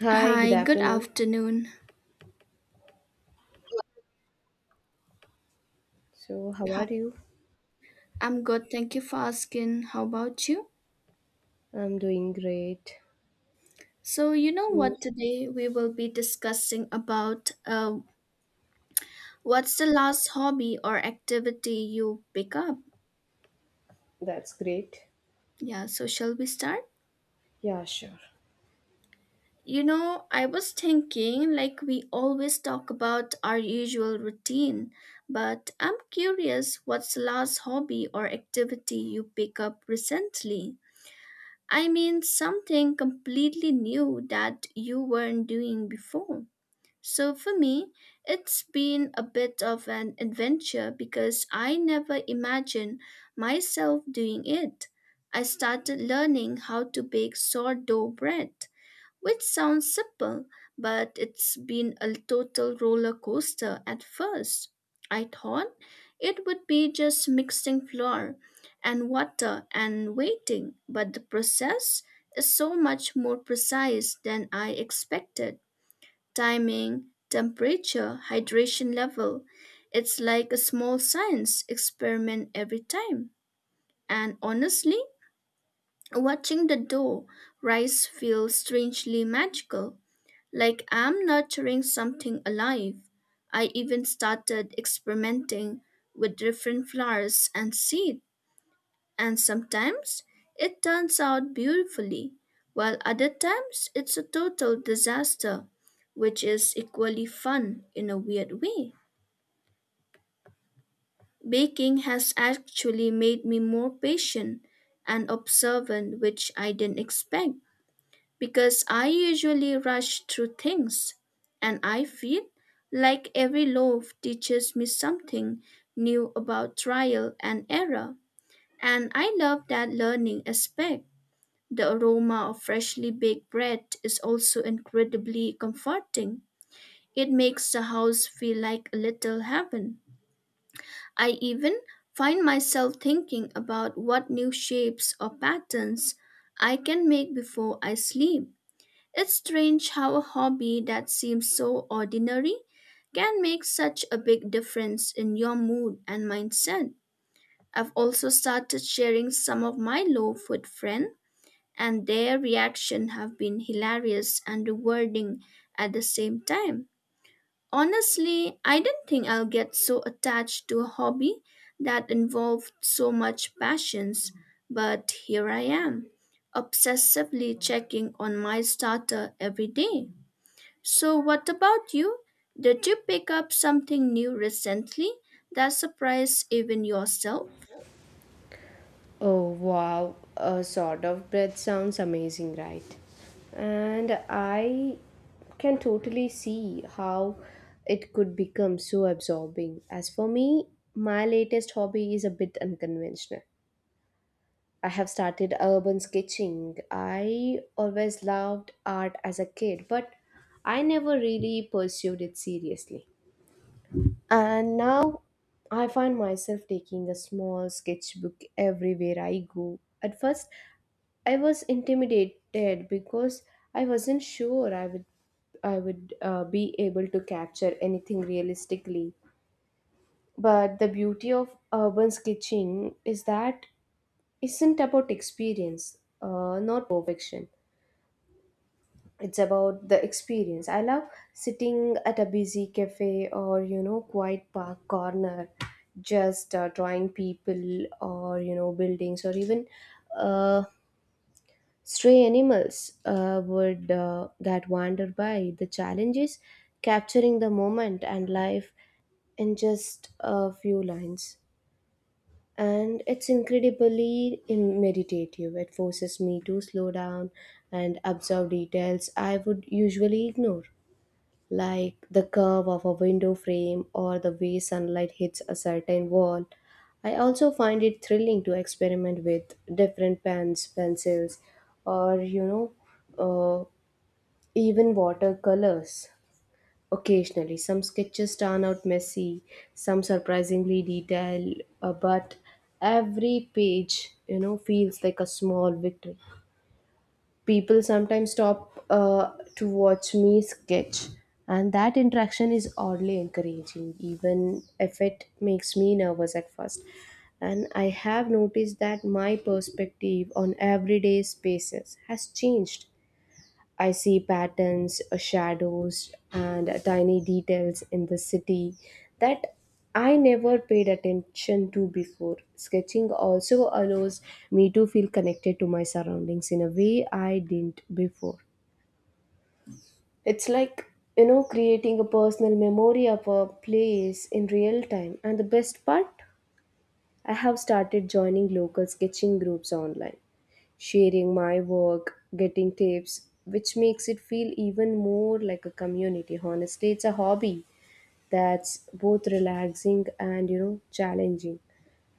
Hi, good Hi, good afternoon. afternoon. So, how are Ho- you? I'm good, thank you for asking. How about you? I'm doing great. So, you know So, what, today we will be discussing about what's the last hobby or activity you pick up? that's great. Yeah, so shall we start? Yeah, sure. You know, I was thinking like we always talk about our usual routine, but I'm curious what's the last hobby or activity you pick up recently? I mean, something completely new that you weren't doing before. So for me, it's been a bit of an adventure because I never imagined myself doing it. I started learning how to bake sourdough bread, which sounds simple, but it's been a total roller coaster at first. I thought it would be just mixing flour and water and waiting, but the process is so much more precise than I expected. Timing, temperature, hydration level. It's like a small science experiment every time. And honestly, watching the dough rise feels strangely magical, like I'm nurturing something alive. I even started experimenting with different flowers and seed, and sometimes it turns out beautifully, while other times it's a total disaster, which is equally fun in a weird way. Baking has actually made me more patient and observant, which I didn't expect, because I usually rush through things and I feel like every loaf teaches me something new about trial and error. And I love that learning aspect. The aroma of freshly baked bread is also incredibly comforting. It makes the house feel like a little heaven. I even find myself thinking about what new shapes or patterns I can make before I sleep. It's strange how a hobby that seems so ordinary can make such a big difference in your mood and mindset. I've also started sharing some of my low food friends, and their reaction have been hilarious and rewarding at the same time. Honestly, I don't think I'll get so attached to a hobby that involved so much passions, but here I am, obsessively checking on my starter every day. So, what about you? Did you pick up something new recently that surprised even yourself? Oh, wow. A sort of breath sounds amazing, right? And I can totally see how it could become so absorbing. As for me, my latest hobby is a bit unconventional. I have started urban sketching. I always loved art as a kid, but I never really pursued it seriously. And now I find myself taking a small sketchbook everywhere I go. At first, I was intimidated because I wasn't sure I would be able to capture anything realistically. But the beauty of urban sketching is that isn't about experience, not perfection. It's about the experience. I love sitting at a busy cafe or you know quiet park corner, just drawing people or you know buildings or even uh, stray animals would that wander by. The challenge is capturing the moment and life in just a few lines. And it's incredibly meditative. It forces me to slow down and observe details I would usually ignore, like the curve of a window frame or the way sunlight hits a certain wall. I also find it thrilling to experiment with different pens, pencils, or know, uh, even watercolors. Occasionally, some sketches turn out messy, some surprisingly detailed, but every page, you know, feels like a small victory. People sometimes stop to watch me sketch, and that interaction is oddly encouraging, even if it makes me nervous at first. And I have noticed that my perspective on everyday spaces has changed. I see patterns, shadows, and tiny details in the city that I never paid attention to before. Sketching also allows me to feel connected to my surroundings in a way I didn't before. It's like, you know, creating a personal memory of a place in real time. And the best part, I have started joining local sketching groups online, sharing my work, getting tips, which makes it feel even more like a community. Honestly, it's a hobby that's both relaxing and you know challenging,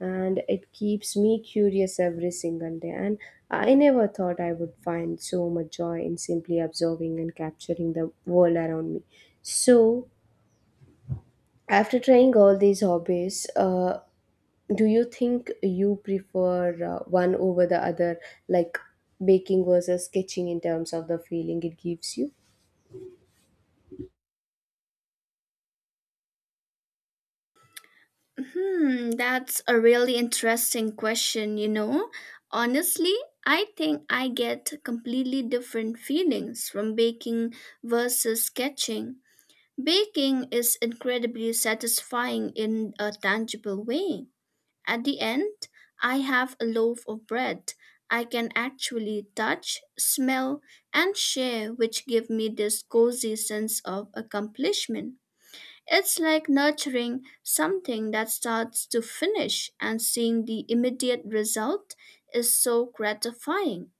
and it keeps me curious every single day, and I never thought I would find so much joy in simply observing and capturing the world around me. So after trying all these hobbies, do you think you prefer one over the other, like baking versus sketching in terms of the feeling it gives you? Hmm, that's a really interesting question, you know. Honestly, I think I get completely different feelings from baking versus sketching. Baking is incredibly satisfying in a tangible way. At the end, I have a loaf of bread I can actually touch, smell, and share, which give me this cozy sense of accomplishment. It's like nurturing something that starts to finish and seeing the immediate result is so gratifying.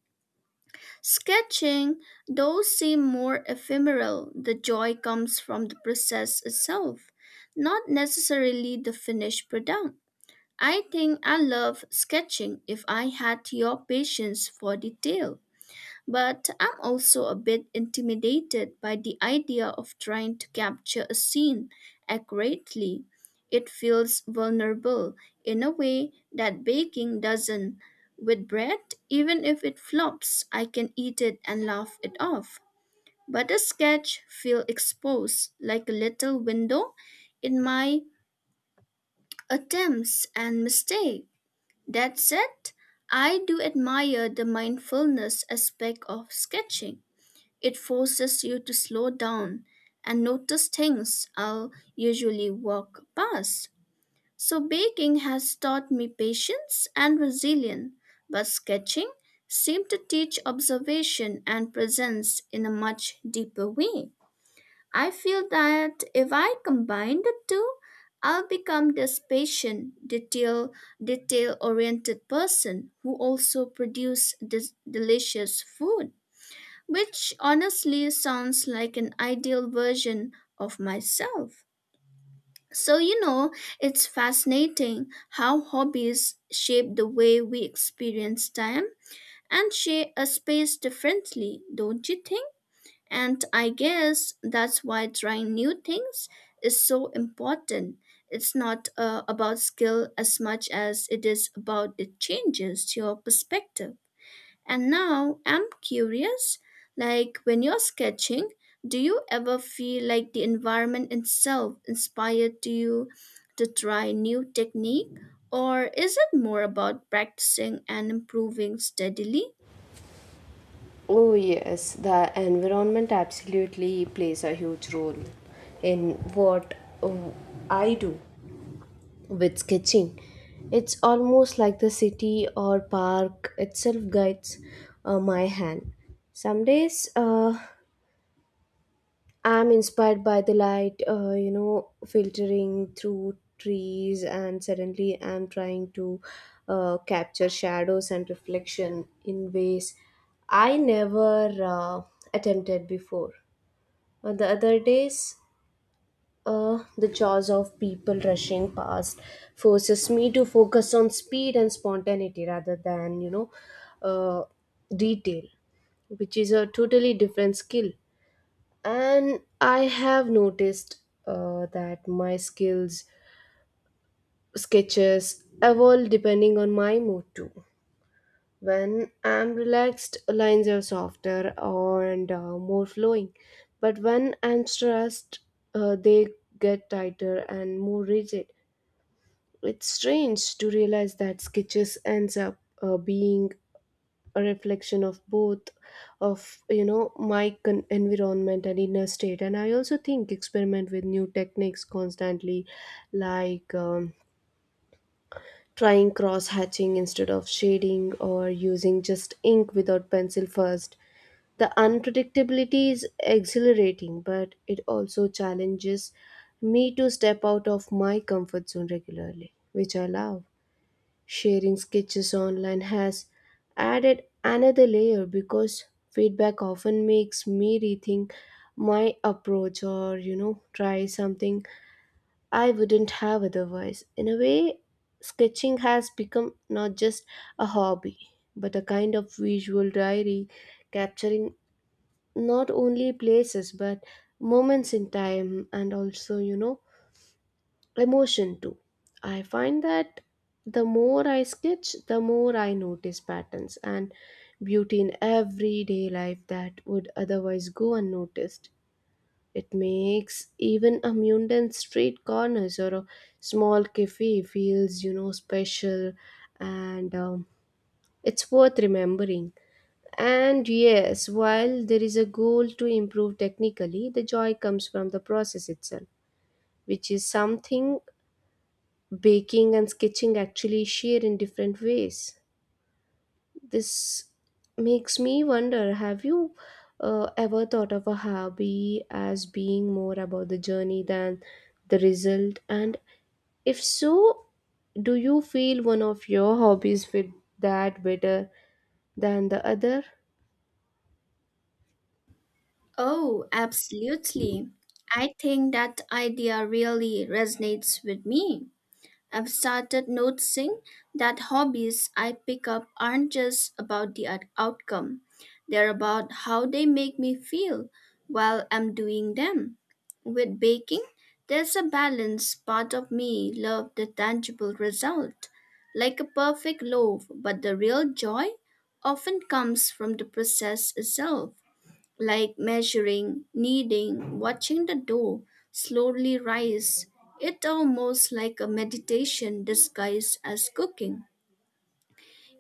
Sketching, though, seem more ephemeral. The joy comes from the process itself, not necessarily the finished product. I think I love sketching if I had your patience for detail, but I'm also a bit intimidated by the idea of trying to capture a scene accurately. It feels vulnerable in a way that baking doesn't. With bread, even if it flops, I can eat it and laugh it off. But a sketch feels exposed, like a little window in my attempts and mistakes. That said, I do admire the mindfulness aspect of sketching. It forces you to slow down and notice things I'll usually walk past. So, baking has taught me patience and resilience, but sketching seemed to teach observation and presence in a much deeper way. I feel that if I combine the two, I'll become this patient, detail-oriented person who also produce this delicious food, which honestly sounds like an ideal version of myself. So, you know, it's fascinating how hobbies shape the way we experience time and share a space differently, don't you think? And I guess that's why trying new things is so important. It's not about skill as much as it is about the changes to your perspective. And now I'm curious, like, when you're sketching, do you ever feel like the environment itself inspired to you to try new technique? Or is it more about practicing and improving steadily? Oh, yes, the environment absolutely plays a huge role in what uh, I do with sketching. It's almost like the city or park itself guides my hand. Some days I'm inspired by the light, you know, filtering through trees, and suddenly I'm trying to capture shadows and reflection in ways I never attempted before. On the other days, the jaws of people rushing past forces me to focus on speed and spontaneity rather than, you know, uh, detail, which is a totally different skill. And I have noticed that my skills sketches evolve depending on my mood too. When I'm relaxed, lines are softer and more flowing, but when I'm stressed, they get tighter and more rigid. It's strange to realize that sketches ends up being a reflection of both of, you know, my environment and inner state. And I also think experiment with new techniques constantly, like trying cross hatching instead of shading or using just ink without pencil first. The unpredictability is exhilarating, but it also challenges me to step out of my comfort zone regularly, which I love. Sharing sketches online has added another layer because feedback often makes me rethink my approach or you know try something I wouldn't have otherwise. In a way, sketching has become not just a hobby but a kind of visual diary, capturing not only places but moments in time, and also you know emotion too. I find that the more I sketch, the more I notice patterns and beauty in everyday life that would otherwise go unnoticed. It makes even a mundane street corners or a small cafe feels, you know, special, and it's worth remembering. And yes, while there is a goal to improve technically, the joy comes from the process itself, which is something baking and sketching actually share in different ways. This makes me wonder, have you ever thought of a hobby as being more about the journey than the result? And if so, do you feel one of your hobbies fit that better than the other? Oh, Oh, absolutely. I think that idea really resonates with me. I've started noticing that hobbies I pick up aren't just about the outcome, they're about how they make me feel while I'm doing them. With baking, there's a balance part of me loves the tangible result, like a perfect loaf, but the real joy often comes from the process itself, like measuring, kneading, watching the dough slowly rise. It almost like a meditation disguised as cooking.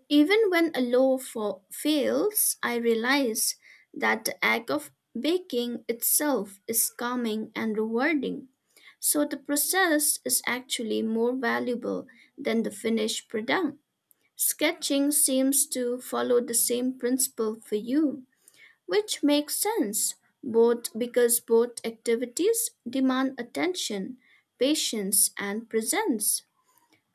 Even when a loaf fails, I realize that the act of baking itself is calming and rewarding. So the process is actually more valuable than the finished product. Sketching seems to follow the same principle for you. Which makes sense, both because both activities demand attention, patience, and presence.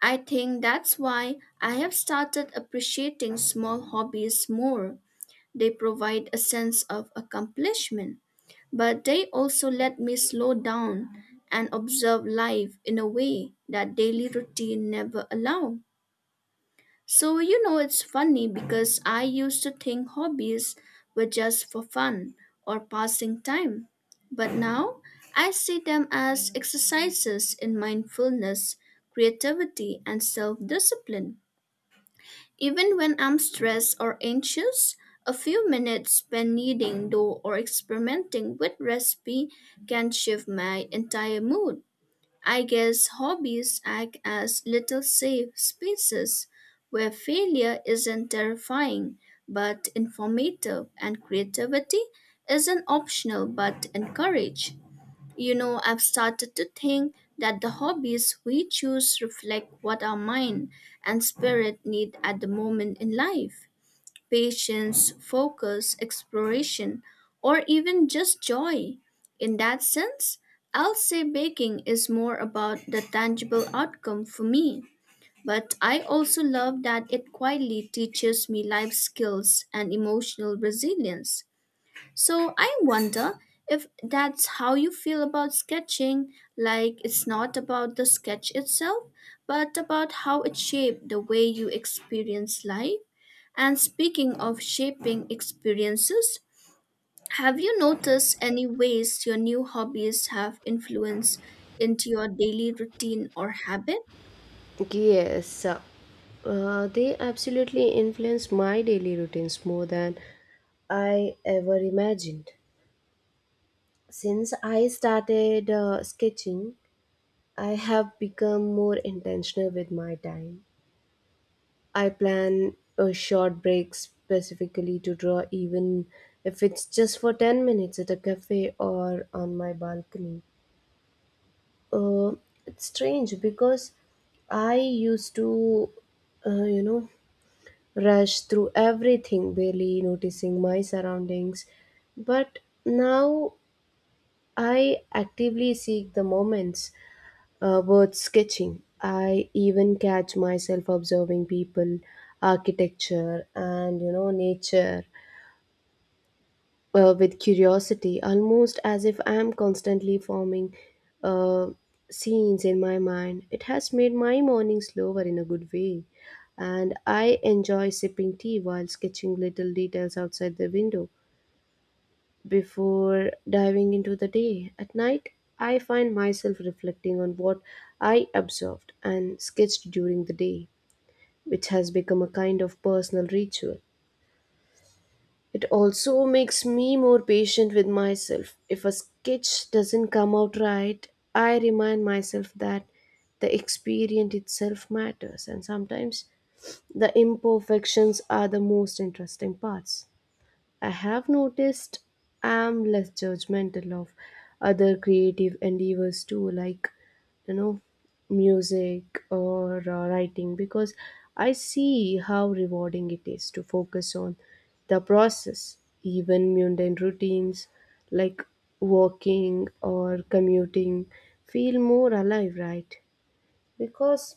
I think that's why I have started appreciating small hobbies more. They provide a sense of accomplishment, but they also let me slow down and observe life in a way that daily routine never allow. So, you know, it's funny because I used to think hobbies were just for fun or passing time. But now I see them as exercises in mindfulness, creativity, and self discipline. Even when I'm stressed or anxious, a few minutes spent kneading dough or experimenting with recipe can shift my entire mood. I guess hobbies act as little safe spaces where failure isn't terrifying but informative and creativity isn't optional but encouraged. You know, I've started to think that the hobbies we choose reflect what our mind and spirit need at the moment in life, patience, focus, exploration, or even just joy. In that sense, I'll say baking is more about the tangible outcome for me. But I also love that it quietly teaches me life skills and emotional resilience. So I wonder if that's how you feel about sketching, like it's not about the sketch itself, but about how it shaped the way you experience life. And speaking of shaping experiences, have you noticed any ways your new hobbies have influence into your daily routine or habit? yes, they absolutely influence my daily routines more than I ever imagined. Since I started sketching, I have become more intentional with my time. I plan a short break specifically to draw, even if it's just for 10 minutes at a cafe or on my balcony. Uh, it's strange because I used to, you know, rush through everything, barely noticing my surroundings. But now I actively seek the moments word sketching. I even catch myself observing people, architecture, and you know nature with curiosity, almost as if I am constantly forming uh, scenes in my mind. It has made my morning slower in a good way, and I enjoy sipping tea while sketching little details outside the window before diving into the day. At night, I find myself reflecting on what I observed and sketched during the day, which has become a kind of personal ritual. It also makes me more patient with myself. If a sketch doesn't come out right, I remind myself that the experience itself matters, and sometimes the imperfections are the most interesting parts. I have noticed I'm less judgmental of other creative endeavors too, like you know, music or writing, because I see how rewarding it is to focus on the process. Even mundane routines like walking or commuting feel more alive, right? Because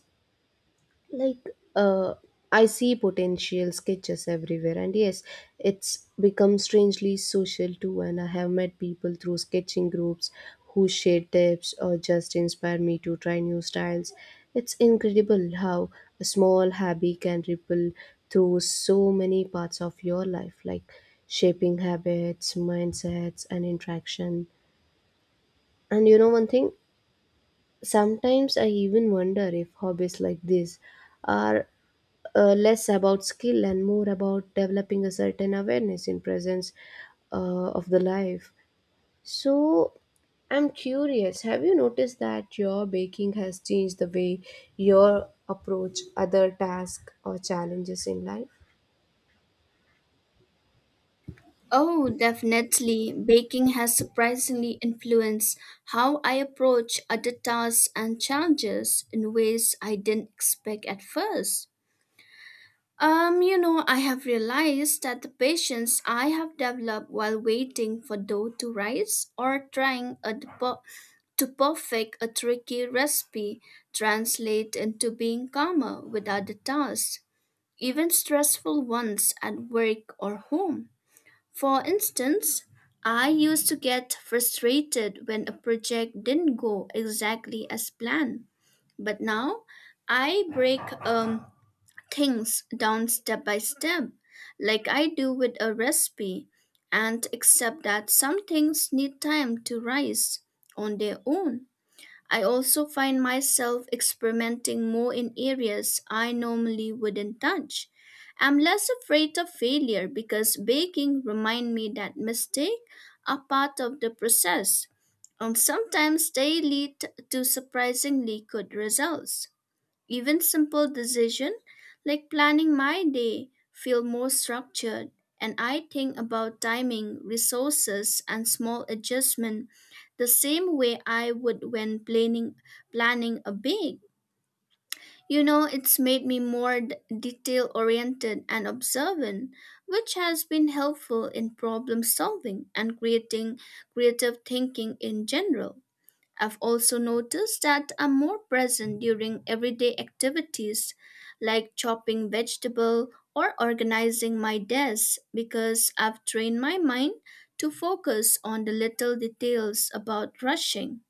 like, I see potential sketches everywhere. And yes, it's become strangely social too, and I have met people through sketching groups who share tips or just inspire me to try new styles. It's incredible how a small hobby can ripple through so many parts of your life, like shaping habits, mindsets, and interaction. And you know, one thing, sometimes I even wonder if hobbies like this are less about skill and more about developing a certain awareness in presence of the life. So I'm curious, have you noticed that your baking has changed the way your approach other tasks or challenges in life? Oh, definitely. Baking has surprisingly influenced how I approach other tasks and challenges in ways I didn't expect at first. You know, I have realized that the patience I have developed while waiting for dough to rise or trying a to perfect a tricky recipe translate into being calmer with other tasks, even stressful ones at work or home. For instance, I used to get frustrated when a project didn't go exactly as planned. But now I break um, things down step by step, like I do with a recipe, and accept that some things need time to rise on their own. I also find myself experimenting more in areas I normally wouldn't touch. I'm less afraid of failure because baking remind me that mistakes are part of the process. And sometimes they lead to surprisingly good results. Even simple decisions like planning my day feel more structured, and I think about timing, resources and small adjustment the same way I would when planning a big. You know, it's made me more detail oriented and observant, which has been helpful in problem solving and creating creative thinking in general. I've also noticed that I'm more present during everyday activities like chopping vegetable or organizing my desk because I've trained my mind to focus on the little details about rushing.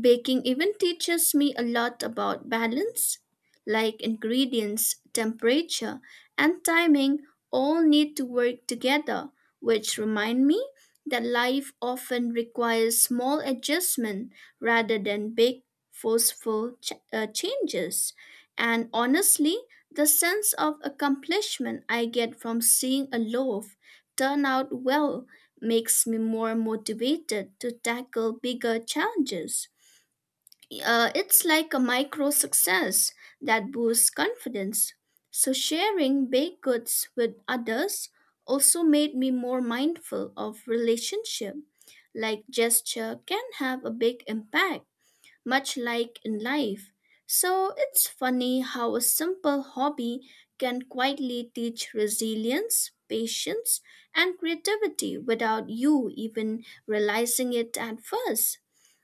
Baking even teaches me a lot about balance, like ingredients, temperature, and timing all need to work together, which remind me that life often requires small adjustment rather than big forceful changes. And honestly, the sense of accomplishment I get from seeing a loaf turn out well makes me more motivated to tackle bigger challenges. It's like a micro success that boosts confidence. So, sharing baked goods with others also made me more mindful of relationship. Like gesture can have a big impact, much like in life. So, it's funny how a simple hobby can quietly teach resilience, patience, and creativity without you even realizing it at first.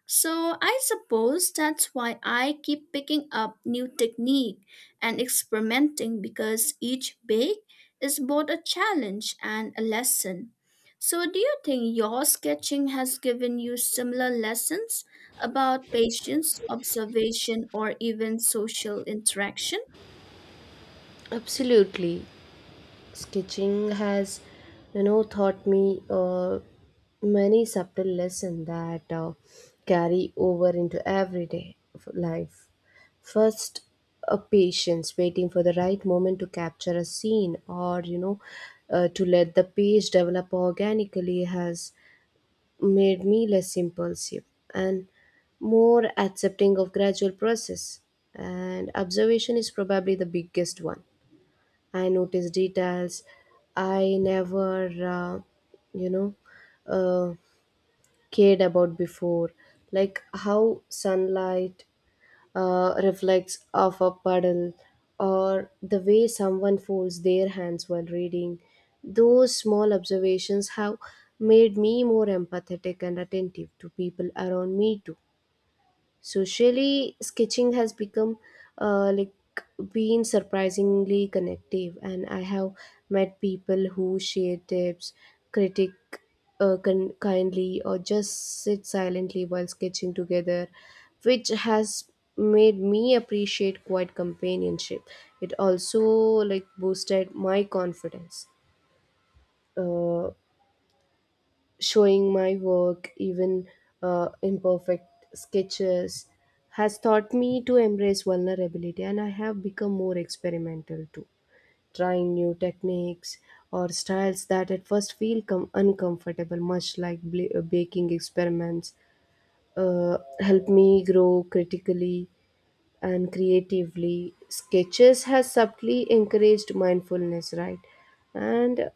So I suppose that's why I keep picking up new technique and experimenting because each bake is both a challenge and a lesson. So do you think your sketching has given you similar lessons about patience, observation or even social interaction? Absolutely, sketching has you know taught me many subtle lessons that carry over into everyday life. First, a patience waiting for the right moment to capture a scene or you know to let the page develop organically has made me less impulsive and more accepting of gradual process. And observation is probably the biggest one. I notice details I never, you know, uh, cared about before, like how sunlight reflects off a puddle or the way someone folds their hands while reading. Those small observations have made me more empathetic and attentive to people around me too. Socially, sketching has become like been surprisingly connective, and I have met people who share tips, critic kindly, or just sit silently while sketching together, which has made me appreciate quiet companionship. It also like boosted my confidence. Uh, Showing my work, even imperfect sketches, has taught me to embrace vulnerability, and I have become more experimental too, trying new techniques or styles that at first feel uncomfortable, much like baking experiments. Help me grow critically and creatively. Sketches has subtly encouraged mindfulness, right? And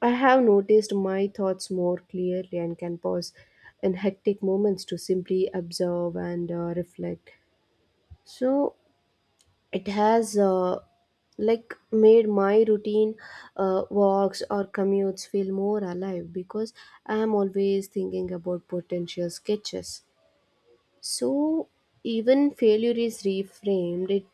I have noticed my thoughts more clearly and can pause in hectic moments to simply observe and reflect. So it has made my routine walks or commutes feel more alive because I am always thinking about potential sketches. So even failure is reframed. It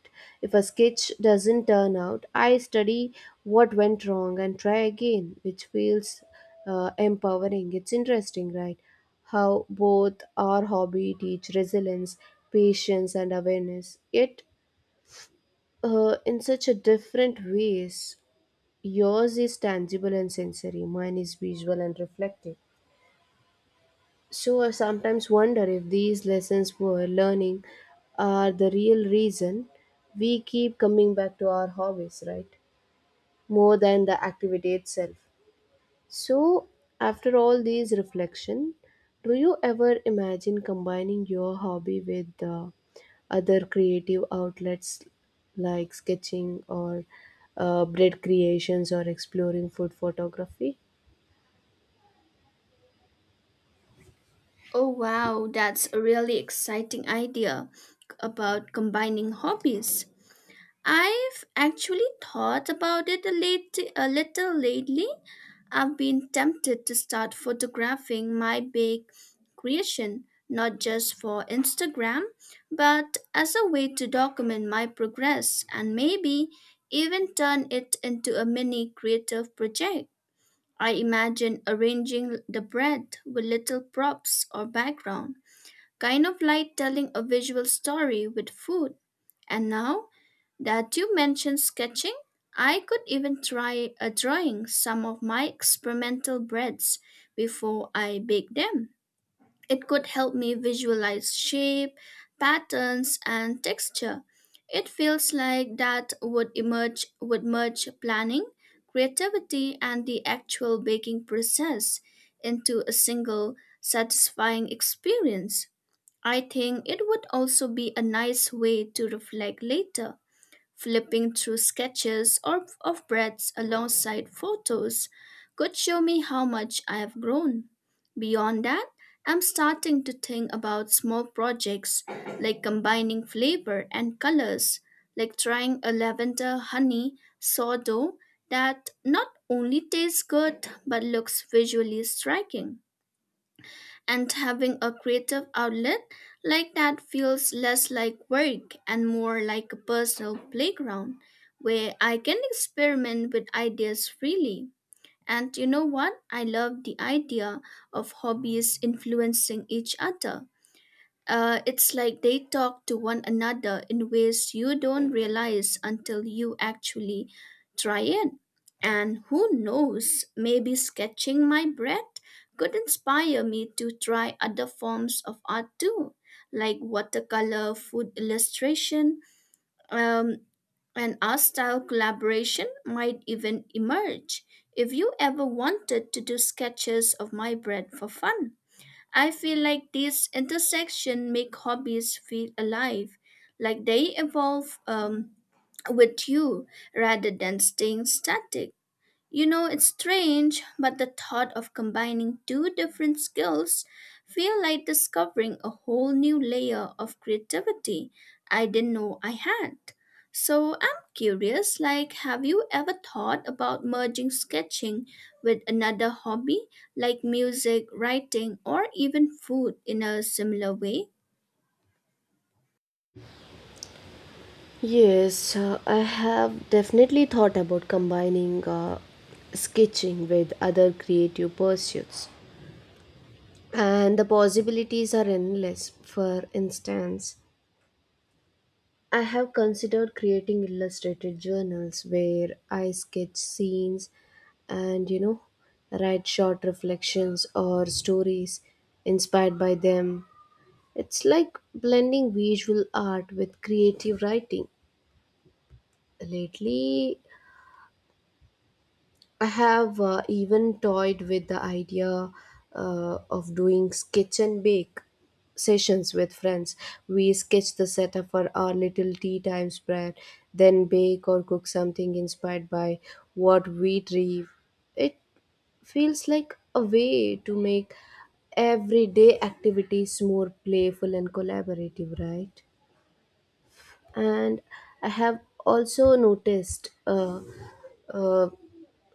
if a sketch doesn't turn out, I study what went wrong and try again, which feels empowering. It's interesting, right? How both our hobby teach resilience, patience, and awareness. Yet, in such a different ways. Yours is tangible and sensory. Mine is visual and reflective. So I sometimes wonder if these lessons we're learning are the real reason we keep coming back to our hobbies, right? More than the activity itself. So after all these reflection, do you ever imagine combining your hobby with other creative outlets like sketching or bread creations or exploring food photography? Oh wow, that's a really exciting idea about combining hobbies. I've actually thought about it a little lately. I've been tempted to start photographing my big creation, not just for Instagram, but as a way to document my progress and maybe even turn it into a mini creative project. I imagine arranging the bread with little props or background, kind of like telling a visual story with food. And now, that you mentioned sketching, I could even try a drawing some of my experimental breads before I bake them. It could help me visualize shape, patterns, and texture. It feels like that would merge planning, creativity, and the actual baking process into a single satisfying experience. I think it would also be a nice way to reflect later, flipping through sketches or of breaths alongside photos could show me how much I have grown. Beyond that, I'm starting to think about small projects like combining flavor and colors, like trying a lavender honey sourdough that not only tastes good but looks visually striking, and having a creative outlet like that feels less like work and more like a personal playground where I can experiment with ideas freely. And you know what? I love the idea of hobbies influencing each other. It's like they talk to one another in ways you don't realize until you actually try it. And who knows, maybe sketching my breath could inspire me to try other forms of art too, like watercolor, food illustration, um, and art style collaboration might even emerge if you ever wanted to do sketches of my bread for fun. I feel like these intersections make hobbies feel alive, like they evolve with you rather than staying static. You know, it's strange, but the thought of combining two different skills feel like discovering a whole new layer of creativity I didn't know I had. So I'm curious, like have you ever thought about merging sketching with another hobby like music, writing, or even food in a similar way? Yes, I have definitely thought about combining sketching with other creative pursuits, and the possibilities are endless. For instance, I have considered creating illustrated journals where I sketch scenes and you know, write short reflections or stories inspired by them. It's like blending visual art with creative writing. Lately, I have even toyed with the idea of doing sketch and bake sessions with friends. We sketch the setup for our little tea time spread, then bake or cook something inspired by what we dream. It feels like a way to make everyday activities more playful and collaborative, right? And I have also noticed uh,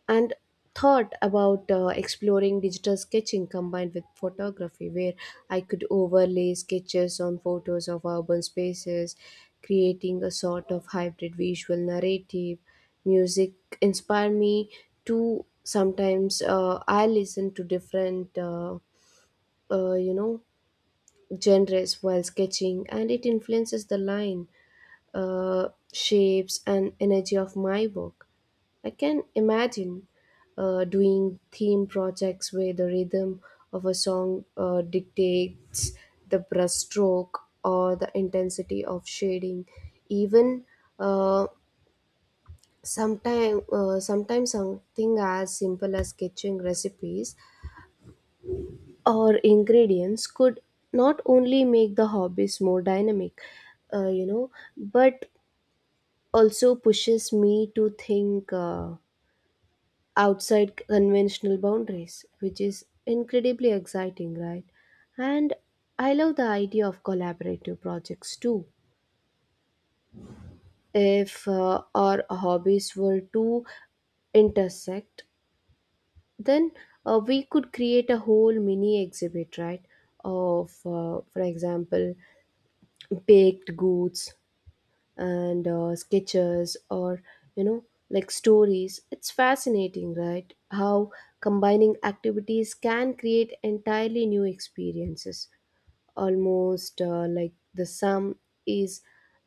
and thought about exploring digital sketching combined with photography, where I could overlay sketches on photos of urban spaces, creating a sort of hybrid visual narrative. Music inspired me to. Sometimes I listen to different you know genres while sketching, and it influences the line, shapes, and energy of my work. I can imagine doing theme projects where the rhythm of a song dictates the brushstroke or the intensity of shading. Even uh, sometimes something as simple as sketching recipes or ingredients could not only make the hobbies more dynamic, you know, but also pushes me to think outside conventional boundaries, which is incredibly exciting, right? And I love the idea of collaborative projects too. If our hobbies were to intersect, then we could create a whole mini exhibit, right? Of, for example, baked goods, and sketches or you know like stories. It's fascinating, right, how combining activities can create entirely new experiences, almost like the sum is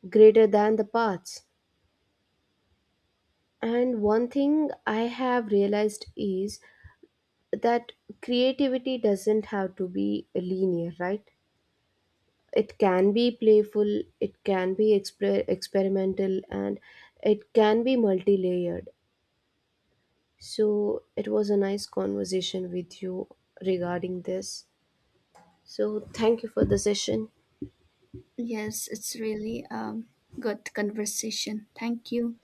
greater than the parts. And one thing I have realized is that creativity doesn't have to be linear, right? It can be playful, it can be experimental, and it can be multi-layered. So it was a nice conversation with you regarding this. So thank you for the session. Yes, it's really good conversation. Thank you.